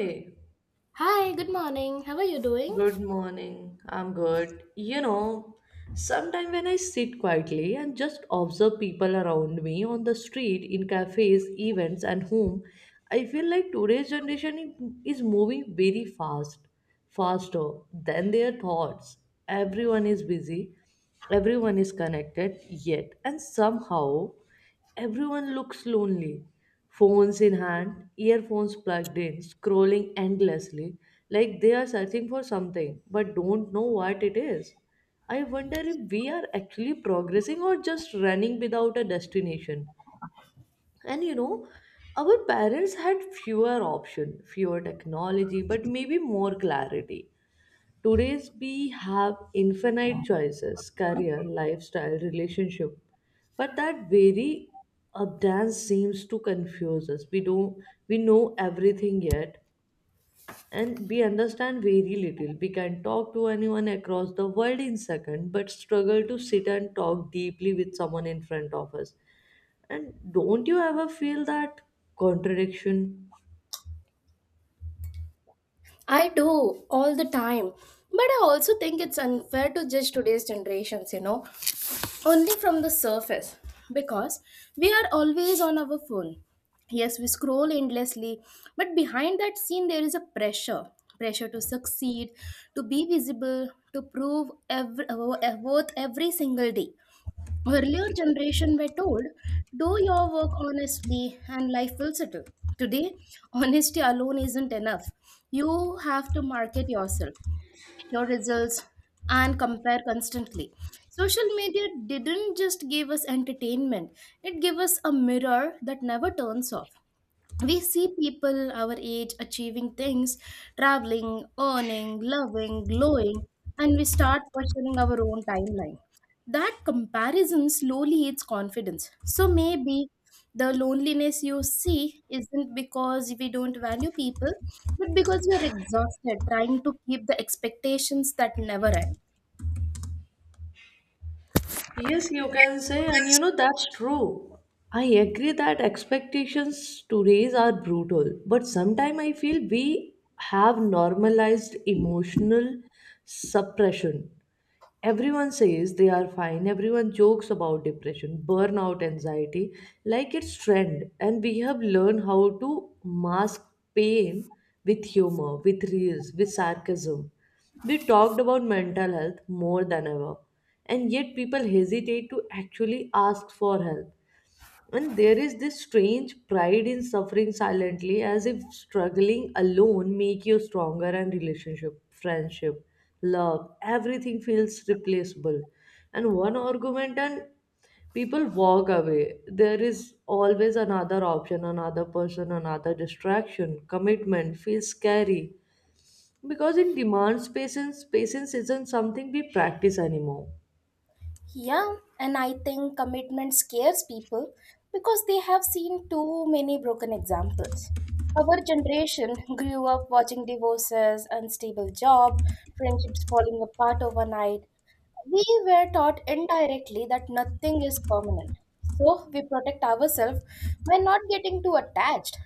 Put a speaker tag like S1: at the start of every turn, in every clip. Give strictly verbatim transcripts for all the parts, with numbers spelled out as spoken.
S1: Hey,
S2: Hi, good morning. How are you doing?
S1: good morning. I'm good. You know, sometimes when I sit quietly and just observe people around me on the street, in cafes, events, and home, I feel like today's generation i- is moving very fast, faster than their thoughts. Everyone is busy, everyone is connected, yet, and somehow everyone looks lonely, phones in hand, earphones plugged in, scrolling endlessly, like they are searching for something but don't know what it is. I wonder if we are actually progressing or just running without a destination. And you know, our parents had fewer options, fewer technology, but maybe more clarity. Today's we have infinite choices, career, lifestyle, relationship, but that very abundance seems to confuse us. We don't we know everything yet, and we understand very little. We can talk to anyone across the world in second, but struggle to sit and talk deeply with someone in front of us. And don't you ever feel that contradiction?
S2: I do all the time. But I also think it's unfair to judge today's generations, you know, only from the surface because we are always on our phone. Yes, we scroll endlessly, but behind that scene, there is a pressure pressure to succeed, to be visible, to prove every, worth every single day. Earlier generation were told, do your work honestly and life will settle. Today, honesty alone isn't enough. You have to market yourself, your results, and compare constantly. Social media didn't just give us entertainment, it gave us a mirror that never turns off. We see people our age achieving things, traveling, earning, loving, glowing, and we start questioning our own timeline that comparison slowly eats confidence. So maybe the loneliness you see isn't because we don't value people, but because we are exhausted trying to keep the expectations that never end.
S1: Yes, you can say, and you know that's true. I agree that expectations today are brutal, but sometimes I feel we have normalized emotional suppression. Everyone says they are fine. Everyone jokes about depression, burnout, anxiety, like it's trend. And we have learned how to mask pain with humor, with reels, with sarcasm. We talked about mental health more than ever. And yet people hesitate to actually ask for help. And there is this strange pride in suffering silently, as if struggling alone make you stronger and relationship, friendship, love, everything feels replaceable. And one argument and people walk away. There is always another option, another person, another distraction. Commitment feels scary. Because in demands patience, patience isn't something we practice anymore.
S2: Yeah, and I think commitment scares people because they have seen too many broken examples. Our generation grew up watching divorces, unstable job, friendships falling apart overnight. We were taught indirectly that nothing is permanent. So we protect ourselves by not getting too attached.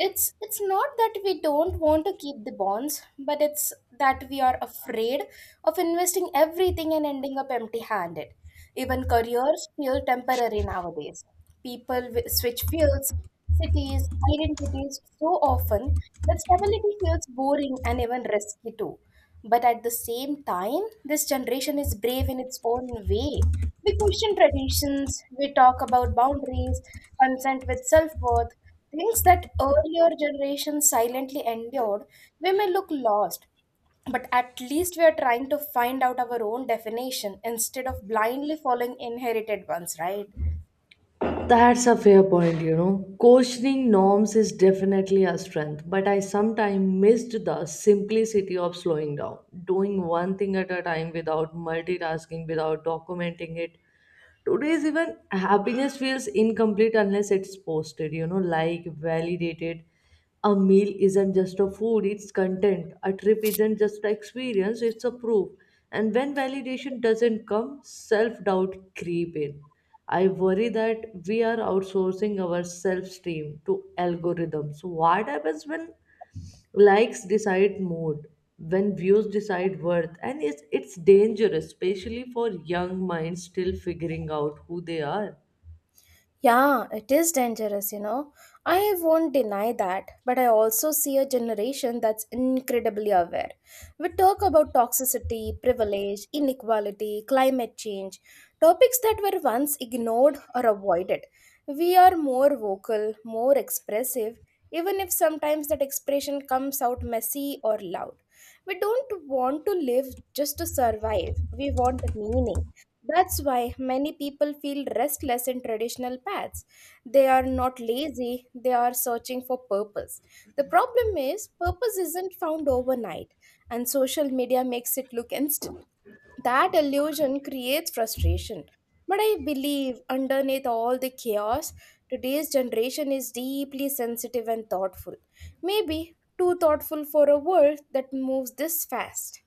S2: It's it's not that we don't want to keep the bonds, but it's that we are afraid of investing everything and ending up empty-handed. Even careers feel temporary nowadays. People wi- switch fields, cities, identities so often that stability feels boring and even risky too. But at the same time, this generation is brave in its own way. We question traditions, we talk about boundaries, consent with self worth, things that earlier generations silently endured. We may look lost, but at least we are trying to find out our own definition instead of blindly following inherited ones, right?
S1: That's a fair point, you know. Questioning norms is definitely a strength, but I sometimes missed the simplicity of slowing down, doing one thing at a time without multitasking, without documenting it. Today's even happiness feels incomplete unless it's posted, you know, like validated. A meal isn't just a food, it's content. A trip isn't just an experience, it's a proof. And when validation doesn't come, self doubt creep in. I worry that we are outsourcing our self esteem to algorithms. What happens when likes decide mood, when views decide worth? And it's, it's dangerous, especially for young minds still figuring out who they are.
S2: Yeah, it is dangerous, you know. I won't deny that, but I also see a generation that's incredibly aware. We talk about toxicity, privilege, inequality, climate change, topics that were once ignored or avoided. We are more vocal, more expressive, even if sometimes that expression comes out messy or loud. We don't want to live just to survive, we want meaning. That's why many people feel restless in traditional paths. They are not lazy, they are searching for purpose. The problem is, purpose isn't found overnight, and social media makes it look instant. That illusion creates frustration. But I believe, underneath all the chaos, today's generation is deeply sensitive and thoughtful. Maybe too thoughtful for a world that moves this fast.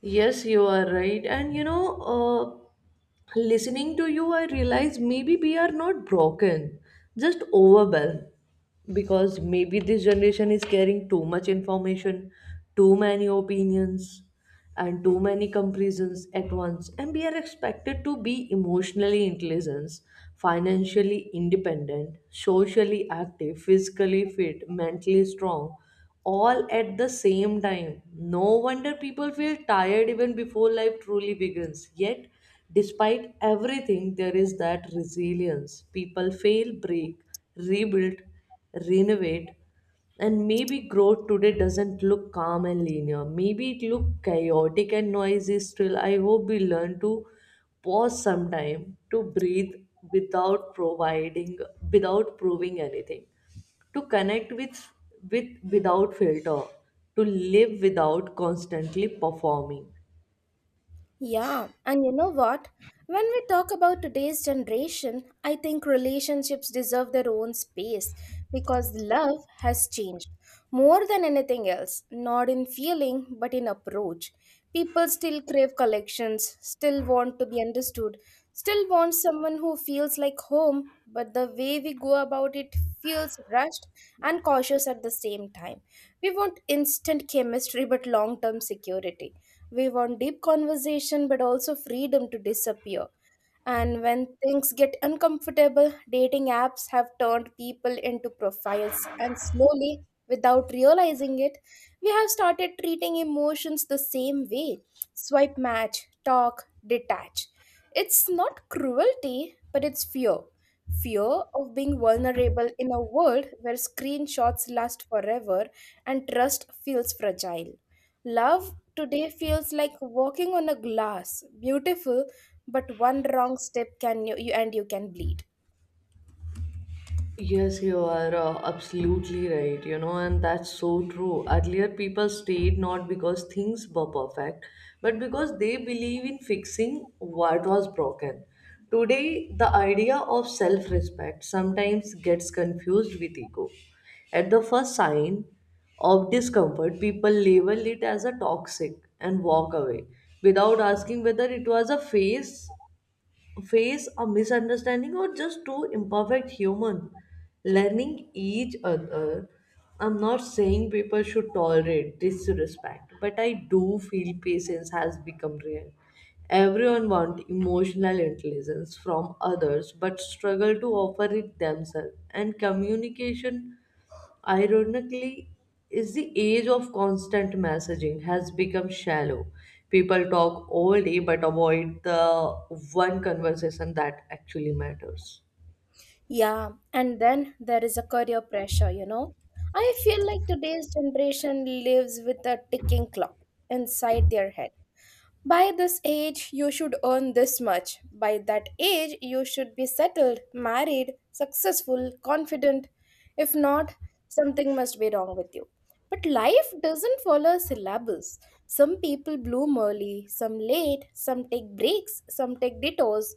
S1: Yes, you are right. And you know, uh, listening to you, I realize maybe we are not broken, just overwhelmed. Because maybe this generation is carrying too much information, too many opinions, and too many comparisons at once. And we are expected to be emotionally intelligent, financially independent, socially active, physically fit, mentally strong all at the same time. No wonder people feel tired even before life truly begins. Yet, despite everything, there is that resilience. People fail, break, rebuild, renovate, and maybe growth today doesn't look calm and linear. Maybe it look chaotic and noisy still. I hope we learn to pause sometime to breathe without providing without proving anything to connect with with without filter to live without constantly performing.
S2: Yeah, and you know what? When we talk about today's generation, I think relationships deserve their own space because love has changed more than anything else, not in feeling but in approach. People still crave collections, still want to be understood, still want someone who feels like home, but the way we go about it feels rushed and cautious at the same time. We want instant chemistry but long term security. We want deep conversation but also freedom to disappear. And when things get uncomfortable, dating apps have turned people into profiles. And slowly, without realizing it, we have started treating emotions the same way: swipe, match, talk, detach. It's not cruelty, but it's fear. Fear of being vulnerable in a world where screenshots last forever and trust feels fragile. Love today feels like walking on a glass, beautiful but one wrong step can you, you and you can bleed.
S1: Yes, you are uh, absolutely right, you know, and that's so true. Earlier, people stayed not because things were perfect, but because they believe in fixing what was broken. Today, the idea of self respect sometimes gets confused with ego. At the first sign of discomfort, people label it as a toxic and walk away without asking whether it was a phase face a misunderstanding or just two imperfect human learning each other. I'm not saying people should tolerate disrespect, but I do feel patience has become rare. Everyone wants emotional intelligence from others but struggle to offer it themselves. And communication, ironically, is the age of constant messaging has become shallow. People talk all day but avoid the one conversation that actually matters.
S2: Yeah, and then there is a career pressure, you know i feel like today's generation lives with a ticking clock inside their head. By this age you should earn this much, by that age you should be settled, married, successful, confident. If not, something must be wrong with you. But life doesn't follow a syllabus. Some people bloom early, some late, some take breaks, some take detours.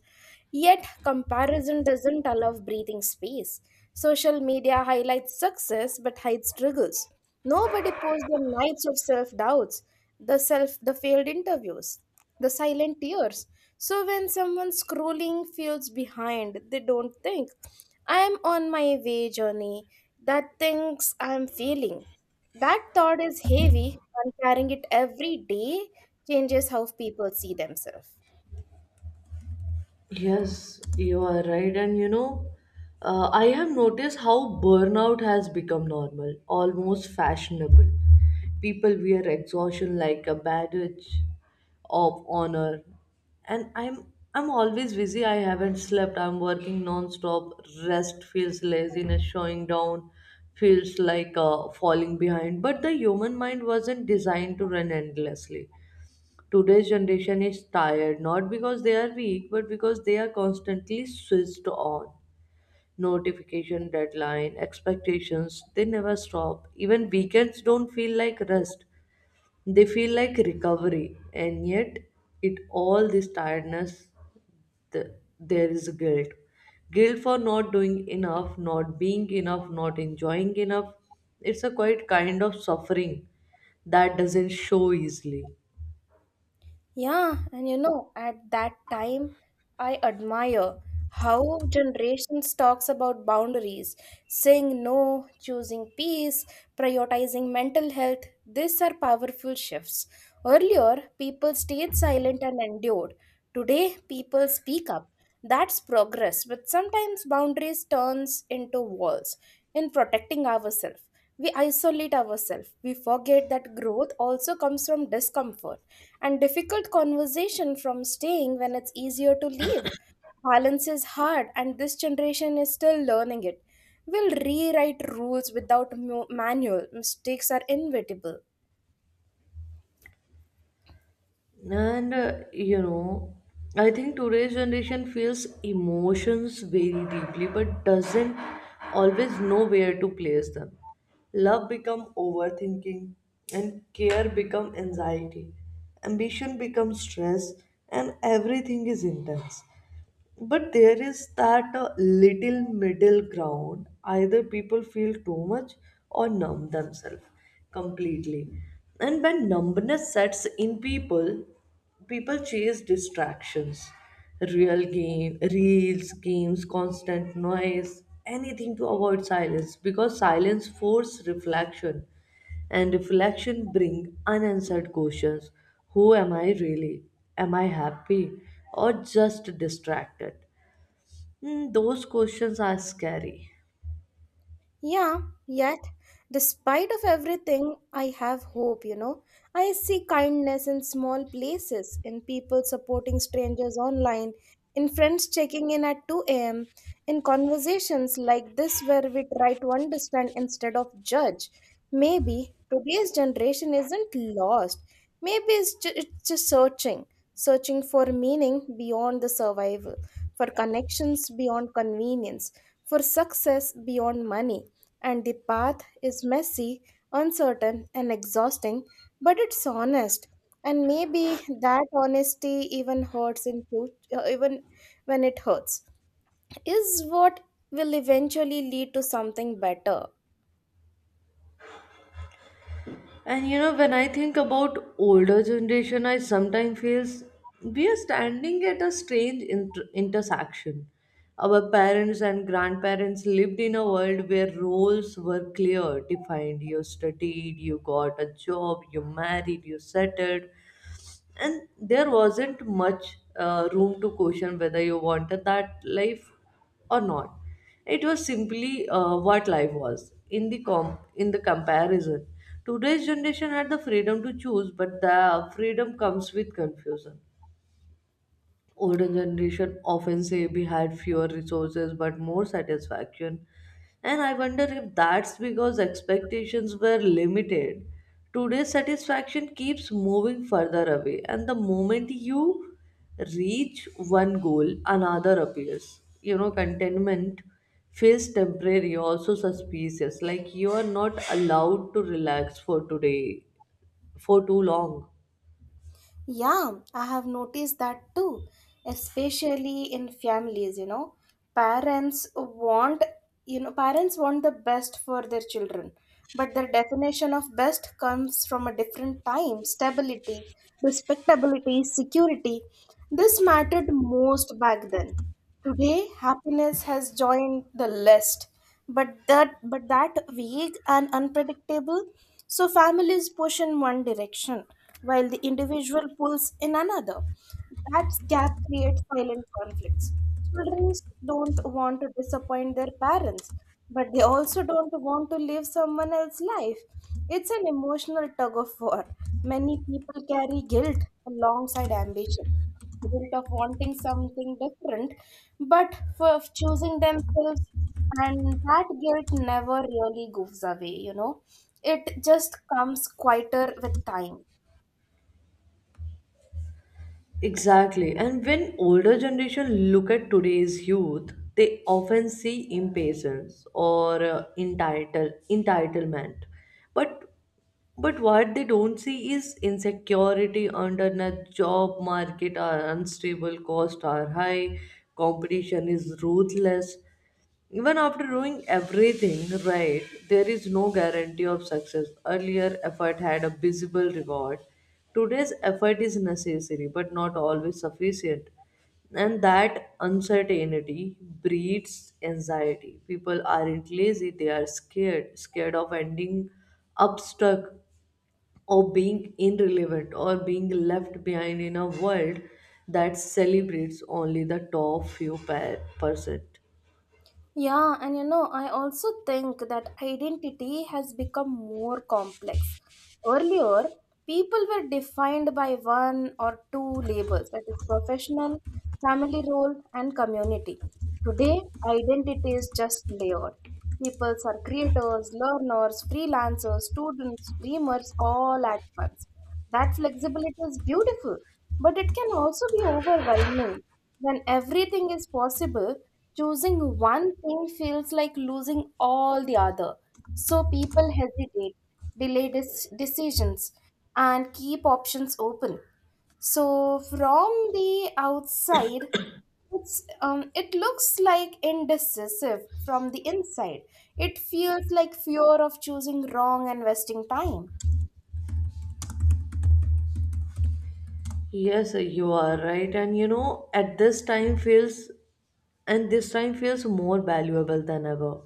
S2: Yet, comparison doesn't allow breathing space. Social media highlights success but hides struggles. Nobody posts the nights of self doubts, the self the failed interviews, the silent tears. So when someone scrolling feels behind, they don't think, I am on my way journey. That thinks I am failing. That thought is heavy, and carrying it every day changes how people see themselves.
S1: Yes, you are right. And you know, uh, I have noticed how burnout has become normal, almost fashionable. People wear exhaustion like a badge of honor. And I'm I'm always busy. I haven't slept. I'm working non-stop. Rest feels laziness. Showing down feels like uh, falling behind. But the human mind wasn't designed to run endlessly. Today's generation is tired not because they are weak, but because they are constantly switched on. Notification, deadline, expectations, they never stop. Even weekends don't feel like rest, they feel like recovery. And yet, it all this tiredness, th- there is guilt. Guilt for not doing enough, not being enough, not enjoying enough. It's a quite kind of suffering that doesn't show easily.
S2: Yeah, and you know, at that time, I admire how generations talks about boundaries, saying no, choosing peace, prioritizing mental health. These are powerful shifts. Earlier, people stayed silent and endured. Today, people speak up. That's progress, but sometimes boundaries turns into walls. In protecting ourselves, we isolate ourselves. We forget that growth also comes from discomfort and difficult conversation from staying when it's easier to leave. Balance is hard, and this generation is still learning it. We'll rewrite rules without mu- manual. Mistakes are inevitable.
S1: And uh, you know, I think today's generation feels emotions very deeply but doesn't always know where to place them. Love become overthinking and care become anxiety. Ambition becomes stress and everything is intense. But there is that uh, little middle ground. Either people feel too much or numb themselves completely. And when numbness sets in people, people chase distractions, real game, reels, games, constant noise, anything to avoid silence because silence forces reflection and reflection bring unanswered questions. Who am I really? Am I happy or just distracted? Hmm, those questions are scary.
S2: Yeah, yet, despite of everything, I have hope, you know. I see kindness in small places, in people supporting strangers online, in friends checking in at two a m, in conversations like this where we try to understand instead of judge. Maybe today's generation isn't lost. Maybe it's, ju- it's just searching, searching for meaning beyond the survival, for connections beyond convenience for success beyond money. And the path is messy, uncertain, and exhausting, but it's honest. And maybe that honesty even hurts in future, even when it hurts, is what will eventually lead to something better.
S1: And you know when I think about older generation I sometimes feels we are standing at a strange inter- intersection. Our parents and grandparents lived in a world where roles were clear defined. You studied, you got a job, you married, you settled. And there wasn't much uh, room to question whether you wanted that life or not. It was simply uh, what life was in the com in the comparison. Today's generation had the freedom to choose, but the freedom comes with confusion. Older generation often say we had fewer resources but more satisfaction. And I wonder if that's because expectations were limited. Today's satisfaction keeps moving further away, and the moment you reach one goal, another appears. You know, contentment feels temporary, also suspicious, like you are not allowed to relax for today, for too long.
S2: Yeah, I have noticed that too, especially in families, you know. Parents want, you know, parents want the best for their children, but their definition of best comes from a different time, stability, respectability, security. This mattered most back then. Today, happiness has joined the list, but that but that vague and unpredictable, so families push in one direction while the individual pulls in another. That gap creates silent conflicts. Children don't want to disappoint their parents, but they also don't want to live someone else's life. It's an emotional tug of war. Many people carry guilt alongside ambition guilt of wanting something different, but for of choosing themselves, and that guilt never really goes away, you know. It just comes quieter with time.
S1: Exactly. And when older generation look at today's youth, they often see impatience or uh, entitle entitlement. But but what they don't see is insecurity under the job market are unstable, costs are high, competition is ruthless. Even after doing everything right, there is no guarantee of success. Earlier effort had a visible reward. Today's effort is necessary but not always sufficient. And that uncertainty breeds anxiety. People aren't lazy, they are scared, scared of ending up stuck or being irrelevant or being left behind in a world that celebrates only the top few per- percent.
S2: Yeah, and you know, I also think that identity has become more complex. Earlier, people were defined by one or two labels that is, professional, family role, and community. Today, identity is just layered. People are creators, learners, freelancers, students, dreamers, all at once. That flexibility is beautiful, but it can also be overwhelming. When everything is possible, choosing one thing feels like losing all the other. So people hesitate, delay dis- decisions, and keep options open. So, from the outside, it's, um, it looks like indecisive from the inside. It feels like fear of choosing wrong and wasting time.
S1: Yes, you are right. And you know, at this time feels and this time feels more valuable than ever.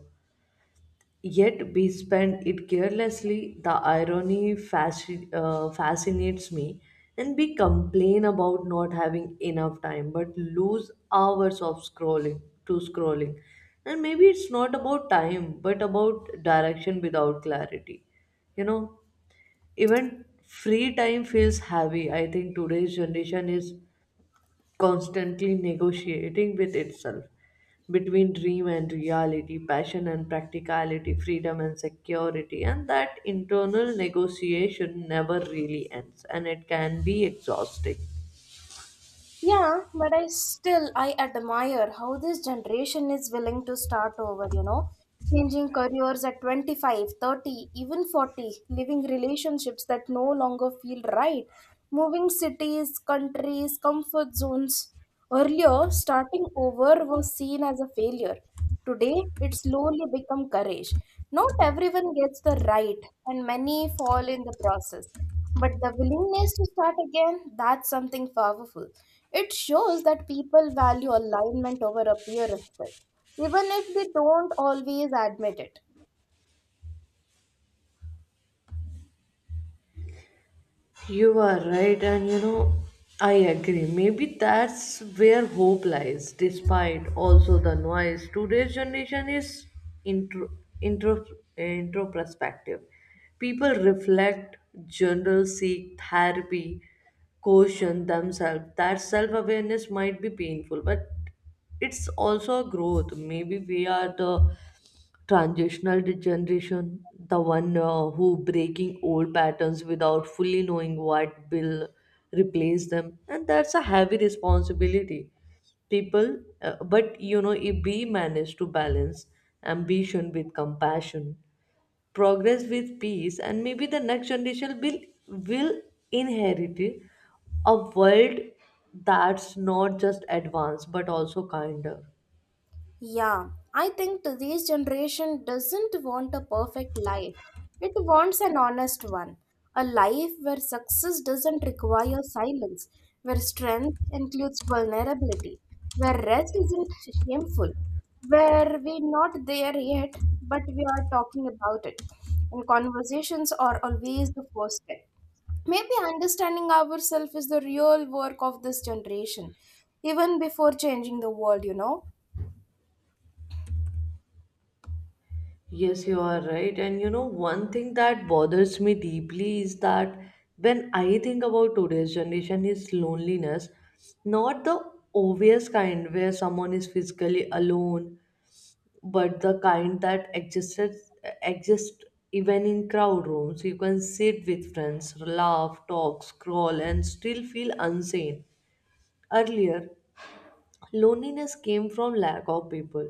S1: Yet we spend it carelessly. The irony fasci- uh, fascinates me. And we complain about not having enough time, but lose hours of scrolling to scrolling. And maybe it's not about time, but about direction without clarity you know Even free time feels heavy. I think today's generation is constantly negotiating with itself between dream and reality, passion and practicality, freedom and security, and that internal negotiation never really ends and it can be exhausting.
S2: Yeah, but I still I admire how this generation is willing to start over, you know, changing careers at twenty five, thirty, even forty, living relationships that no longer feel right, moving cities, countries, comfort zones. Earlier, starting over was seen as a failure. Today, it slowly become courage. Not everyone gets the right, and many fall in the process. But the willingness to start again, that's something powerful. It shows that people value alignment over appearances, even if they don't always admit it.
S1: You are right, and you know, I agree. Maybe that's where hope lies, despite also the noise. Today's generation is intro, intro, introspective. People reflect, journal, seek therapy, caution themselves. That self awareness might be painful, but it's also a growth. Maybe we are the transitional generation, the one uh, who breaking old patterns without fully knowing what will replace them, and that's a heavy responsibility. People, uh, but you know, if we manage to balance ambition with compassion, progress with peace, and maybe the next generation will will inherit a world that's not just advanced but also kinder.
S2: Yeah, I think today's generation doesn't want a perfect life. It wants an honest one. A life where success doesn't require silence, where strength includes vulnerability, where rest isn't shameful, where we're not there yet, but we are talking about it. And conversations are always the first step. Maybe understanding ourselves is the real work of this generation, even before changing the world, you know.
S1: Yes, you are right. And you know, one thing that bothers me deeply is that when I think about today's generation is loneliness, not the obvious kind where someone is physically alone, but the kind that existed exists even in crowd rooms. You can sit with friends, laugh, talk, scroll, and still feel unseen. Earlier, loneliness came from lack of people.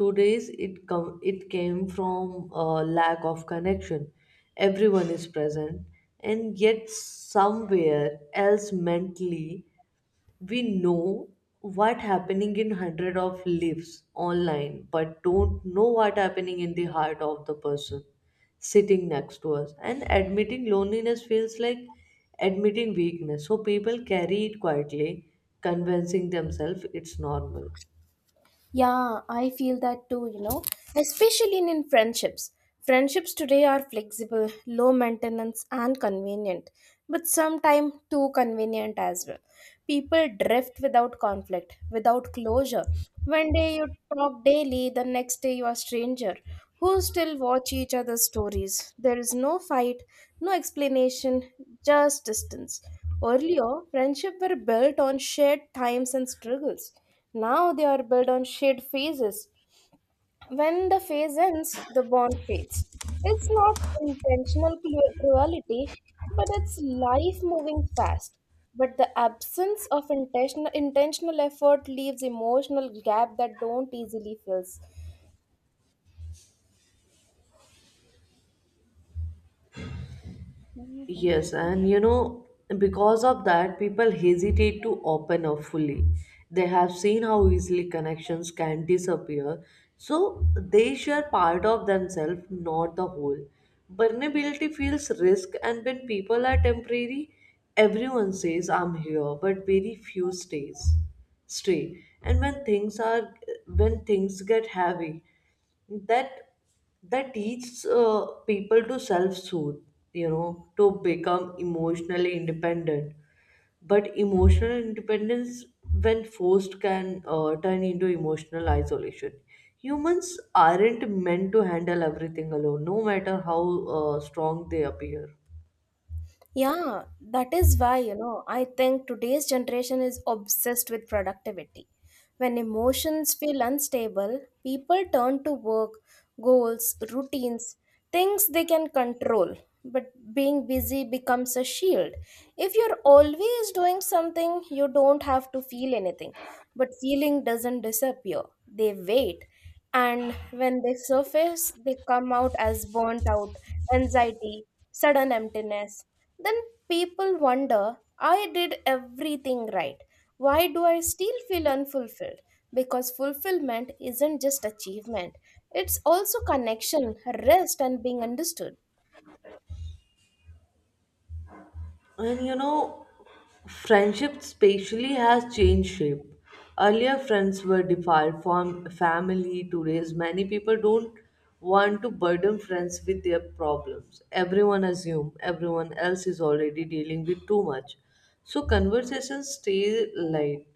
S1: Today's it come it came from uh, lack of connection. Everyone is present and yet somewhere else mentally. We know what happening in hundred of lives online but don't know what happening in the heart of the person sitting next to us. And admitting loneliness feels like admitting weakness, so people carry it quietly, convincing themselves it's normal.
S2: Yeah, I feel that too, you know, especially in, in friendships. Friendships today are flexible, low maintenance, and convenient, but sometimes too convenient as well. People drift without conflict, without closure. One day you talk daily, the next day you are stranger. Who still watch each other's stories? There is no fight, no explanation, just distance. Earlier, friendship were built on shared times and struggles. Now they are built on shared phases. When the phase ends, the bond fades. It's not intentional cru- cruelty, but it's life moving fast. But the absence of intentional, intentional effort leaves emotional gap that don't easily fills.
S1: Yes, and you know, because of that, people hesitate to open up fully. They have seen how easily connections can disappear, so they share part of themselves, not the whole. Vulnerability feels risk, and when people are temporary, everyone says, I'm here, but very few stays. Stay. And when things are when things get heavy, that that teaches uh, people to self-soothe you know to become emotionally independent. But emotional independence when forced can uh, turn into emotional isolation. Humans aren't meant to handle everything alone no matter how uh, strong they appear.
S2: Yeah, that is why, you know, I think today's generation is obsessed with productivity. When emotions feel unstable, people turn to work, goals, routines, things they can control. But being busy becomes a shield. If you're always doing something, you don't have to feel anything. But feeling doesn't disappear, they wait. And when they surface, they come out as burnt out, anxiety, sudden emptiness then people wonder, I did everything right. Why do I still feel unfulfilled? Because fulfillment isn't just achievement, it's also connection, rest, and being understood.
S1: And you know, friendship spatially has changed shape. Earlier, friends were defined from family. Today's many people don't want to burden friends with their problems. Everyone assume everyone else is already dealing with too much. So conversations stay light.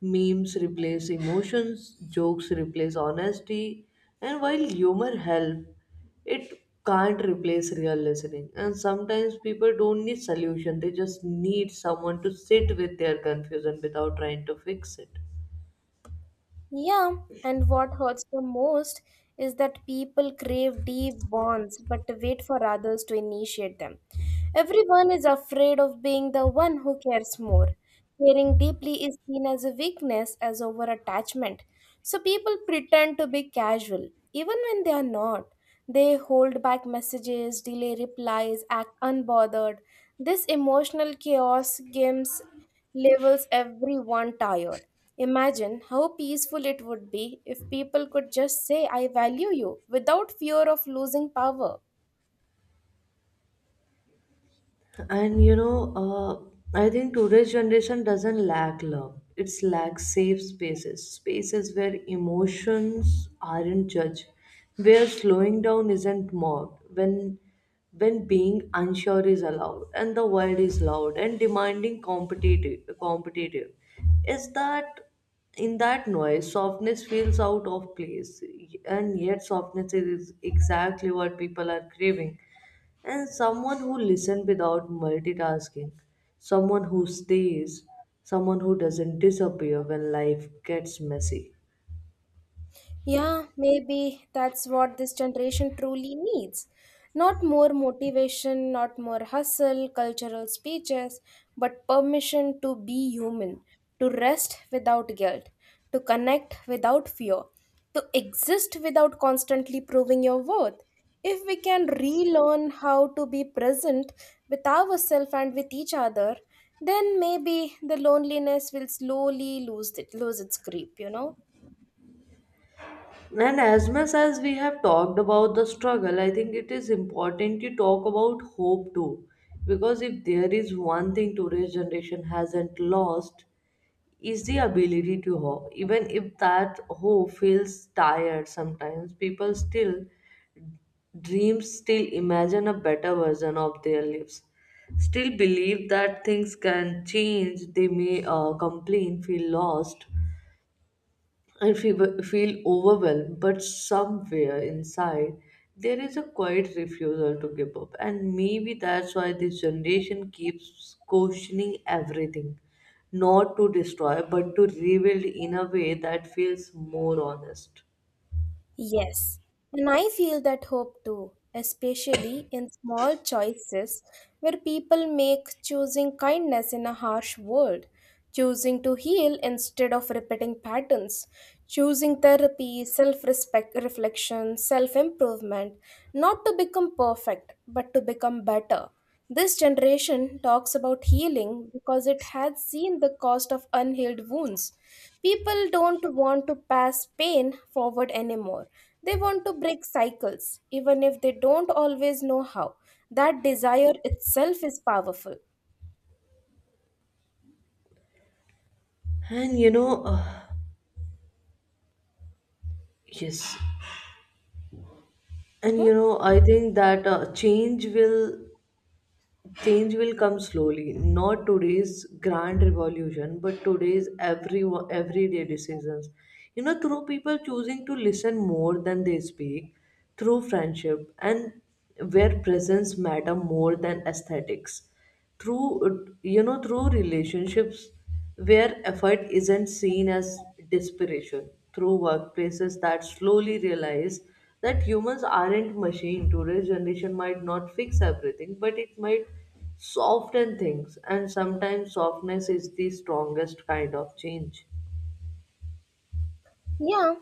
S1: Memes replace emotions, jokes replace honesty, and while humor help, it can't replace real listening. And sometimes people don't need solution; they just need someone to sit with their confusion without trying to fix it.
S2: Yeah, and what hurts the most is that people crave deep bonds but wait for others to initiate them. Everyone is afraid of being the one who cares more. Caring deeply is seen as a weakness, as over attachment. So people pretend to be casual, even when they are not. They hold back messages, delay replies, act unbothered. This emotional chaos gives levels everyone tired. Imagine how peaceful it would be if people could just say, I value you without fear of losing power.
S1: And you know, uh, I think today's generation doesn't lack love. It's lack safe spaces, spaces where emotions aren't judged, where slowing down isn't mocked, when when being unsure is allowed, and the world is loud and demanding competitive. Competitive is that in that noise, softness feels out of place, and yet softness is exactly what people are craving and someone who listens without multitasking, someone who stays, someone who doesn't disappear when life gets messy.
S2: Yeah, maybe that's what this generation truly needs. Not more motivation, not more hustle, cultural speeches, but permission to be human, to rest without guilt, to connect without fear, to exist without constantly proving your worth. If we can relearn how to be present with ourselves and with each other, then maybe the loneliness will slowly lose it, lose its grip, you know?
S1: And as much as we have talked about the struggle, I think it is important to talk about hope too. Because if there is one thing today's generation hasn't lost, is the ability to hope. Even if that hope feels tired sometimes, people still dreams still imagine a better version of their lives, still believe that things can change. They may uh, complain, feel lost, and feel, feel overwhelmed, but somewhere inside, there is a quiet refusal to give up. And maybe that's why this generation keeps questioning everything. Not to destroy, but to rebuild in a way that feels more honest.
S2: Yes, and I feel that hope too, especially in small choices where people make choosing kindness in a harsh world, choosing to heal instead of repeating patterns, choosing therapy, self respect, reflection, self improvement, not to become perfect, but to become better. This generation talks about healing because it had seen the cost of unhealed wounds. People don't want to pass pain forward anymore. They want to break cycles, even if they don't always know how. That desire itself is powerful.
S1: And you know, uh, yes, and
S2: Mhm.
S1: you know, I think that uh, change will change will come slowly. Not today's grand revolution, but today's every everyday decisions. You know, through people choosing to listen more than they speak, through friendship, and where presence matter more than aesthetics, through uh, you know through relationships where effort isn't seen as desperation, through workplaces that slowly realize that humans aren't machine. Today's generation might not fix everything, but it might soften things, and sometimes softness is the strongest kind of change.
S2: Yeah.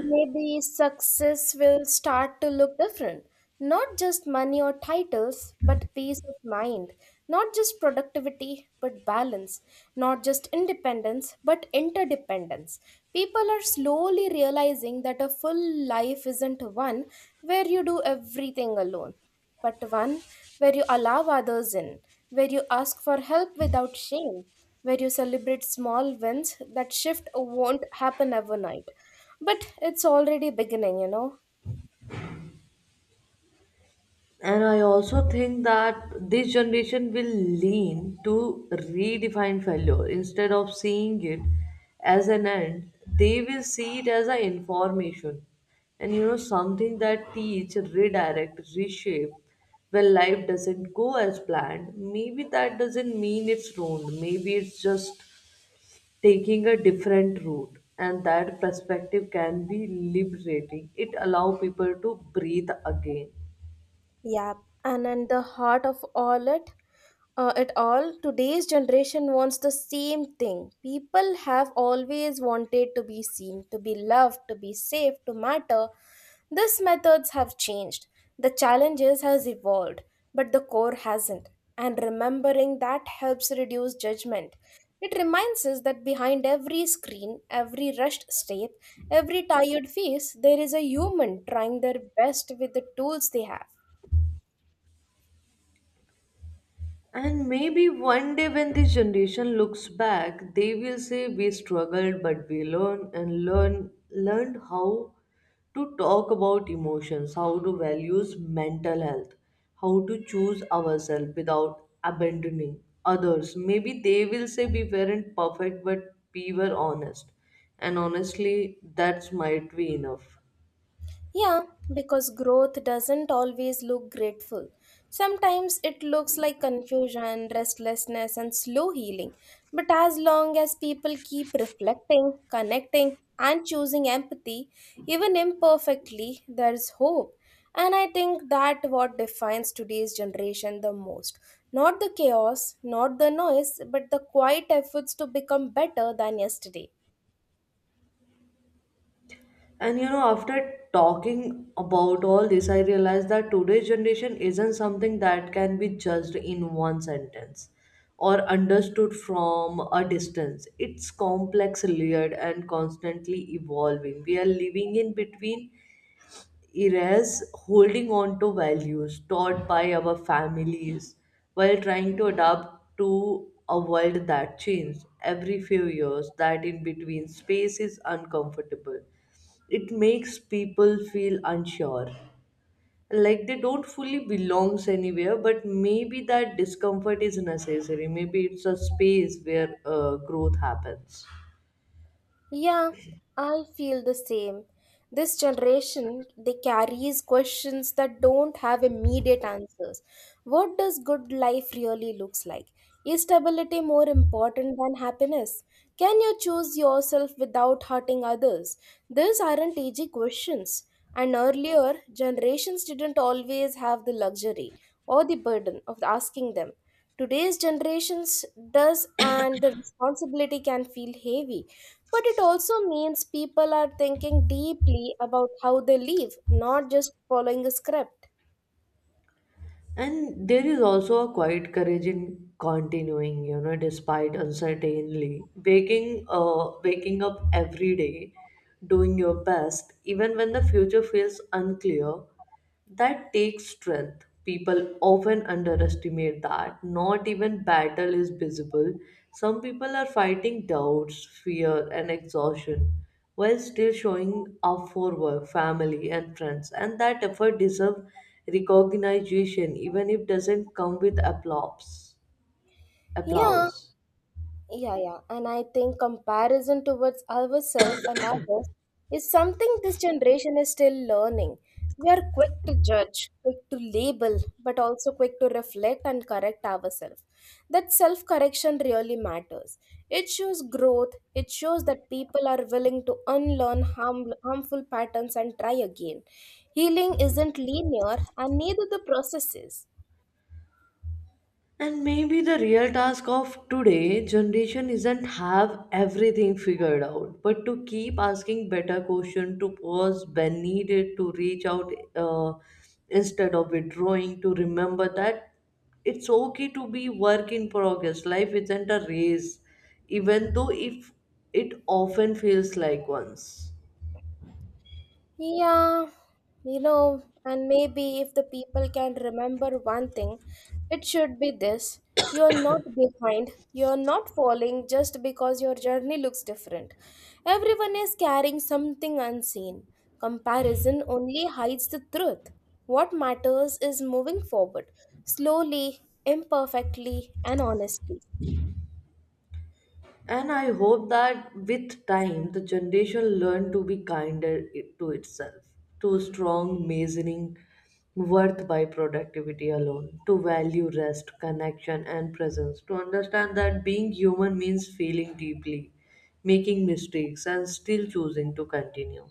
S2: Maybe success will start to look different. Not just money or titles, but peace of mind. Not just productivity, but balance. Not just independence, but interdependence. People are slowly realizing that a full life isn't one where you do everything alone, but one where you allow others in, where you ask for help without shame, where you celebrate small wins that shift won't happen overnight but it's already beginning, you know?
S1: And I also think that this generation will lean to redefine failure instead of seeing it as an end. They will see it as an information, and you know something that teach, redirect, reshape. When life doesn't go as planned, maybe that doesn't mean it's ruined. Maybe it's just taking a different route, and that perspective can be liberating. It allow people to breathe again.
S2: Yep, and at the heart of all it, uh, it all, today's generation wants the same thing. People have always wanted to be seen, to be loved, to be safe, to matter. These methods have changed. The challenges has evolved, but the core hasn't. And remembering that helps reduce judgment. It reminds us that behind every screen, every rushed step, every tired face, there is a human trying their best with the tools they have.
S1: And maybe one day when this generation looks back, they will say we struggled but we learned and learn learned how to talk about emotions, how to values mental health, how to choose ourselves without abandoning others. Maybe they will say we weren't perfect but we were honest. And honestly, that's might be enough.
S2: Yeah, because growth doesn't always look grateful. Sometimes it looks like confusion, restlessness, and slow healing. But as long as people keep reflecting, connecting, and choosing empathy, even imperfectly, there is hope. And I think that what defines today's generation the most. Not the chaos, not the noise, but the quiet efforts to become better than yesterday.
S1: And you know, after talking about all this, I realized that today's generation isn't something that can be judged in one sentence or understood from a distance. It's complex, layered, and constantly evolving. We are living in between eras, holding on to values taught by our families while trying to adapt to a world that changes every few years. That in between space is uncomfortable. It makes people feel unsure, like they don't fully belongs anywhere, but maybe that discomfort is necessary. Maybe it's a space where uh, growth happens.
S2: Yeah, I feel the same. This generation, they carries questions that don't have immediate answers. What does good life really looks like? Is stability more important than happiness? Can you choose yourself without hurting others? These aren't easy questions. And earlier, generations didn't always have the luxury or the burden of asking them. Today's generations does, and the responsibility can feel heavy, but it also means people are thinking deeply about how they live, not just following a script.
S1: And there is also a quiet courage in continuing, you know, despite uncertainty. Waking, uh, waking up every day, doing your best, even when the future feels unclear, that takes strength. People often underestimate that. Not even battle is visible. Some people are fighting doubts, fear, and exhaustion while still showing up for work, family, and friends. And that effort deserves recognition, even if doesn't come with applause.
S2: Yeah,
S1: Applause.
S2: Yeah, yeah. And I think comparison towards ourselves and others is something this generation is still learning. We are quick to judge, quick to label, but also quick to reflect and correct ourselves. That self correction really matters. It shows growth, it shows that people are willing to unlearn harm, harmful patterns and try again. Healing isn't linear, and neither the process is.
S1: And maybe the real task of today generation isn't have everything figured out, but to keep asking better question, to pause when needed, to reach out uh, instead of withdrawing, to remember that it's okay to be work in progress. Life isn't a race, even though if it often feels like one's.
S2: Yeah, you know, and maybe if the people can remember one thing, it should be this. You're not behind, you're not falling just because your journey looks different. Everyone is carrying something unseen. Comparison only hides the truth. What matters is moving forward, slowly, imperfectly, and honestly.
S1: And I hope that with time, the generation learn to be kinder it- to itself, to strong measuring worth by productivity alone, to value rest, connection, and presence, to understand that being human means feeling deeply, making mistakes, and still choosing to continue.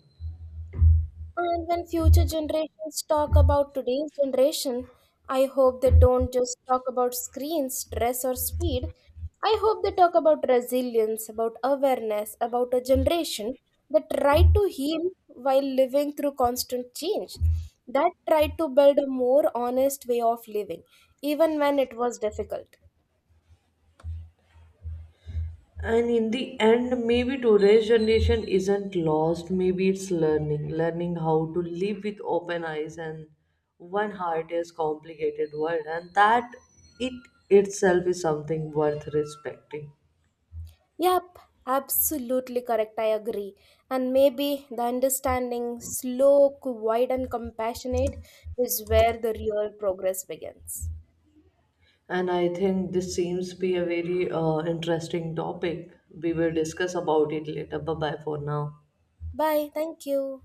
S2: And when future generations talk about today's generation, I hope they don't just talk about screens, stress, or speed. I hope they talk about resilience, about awareness, about a generation that tried to heal while living through constant change, that tried to build a more honest way of living, even when it was difficult.
S1: And in the end, maybe today's generation isn't lost. Maybe it's learning, learning how to live with open eyes and one heart is complicated world, and that it itself is something worth respecting.
S2: Yep, absolutely correct. I agree. And maybe the understanding, slow, quiet, and compassionate is where the real progress begins.
S1: And I think this seems to be a very uh, interesting topic. We will discuss about it later. Bye bye for now.
S2: Bye. Thank you.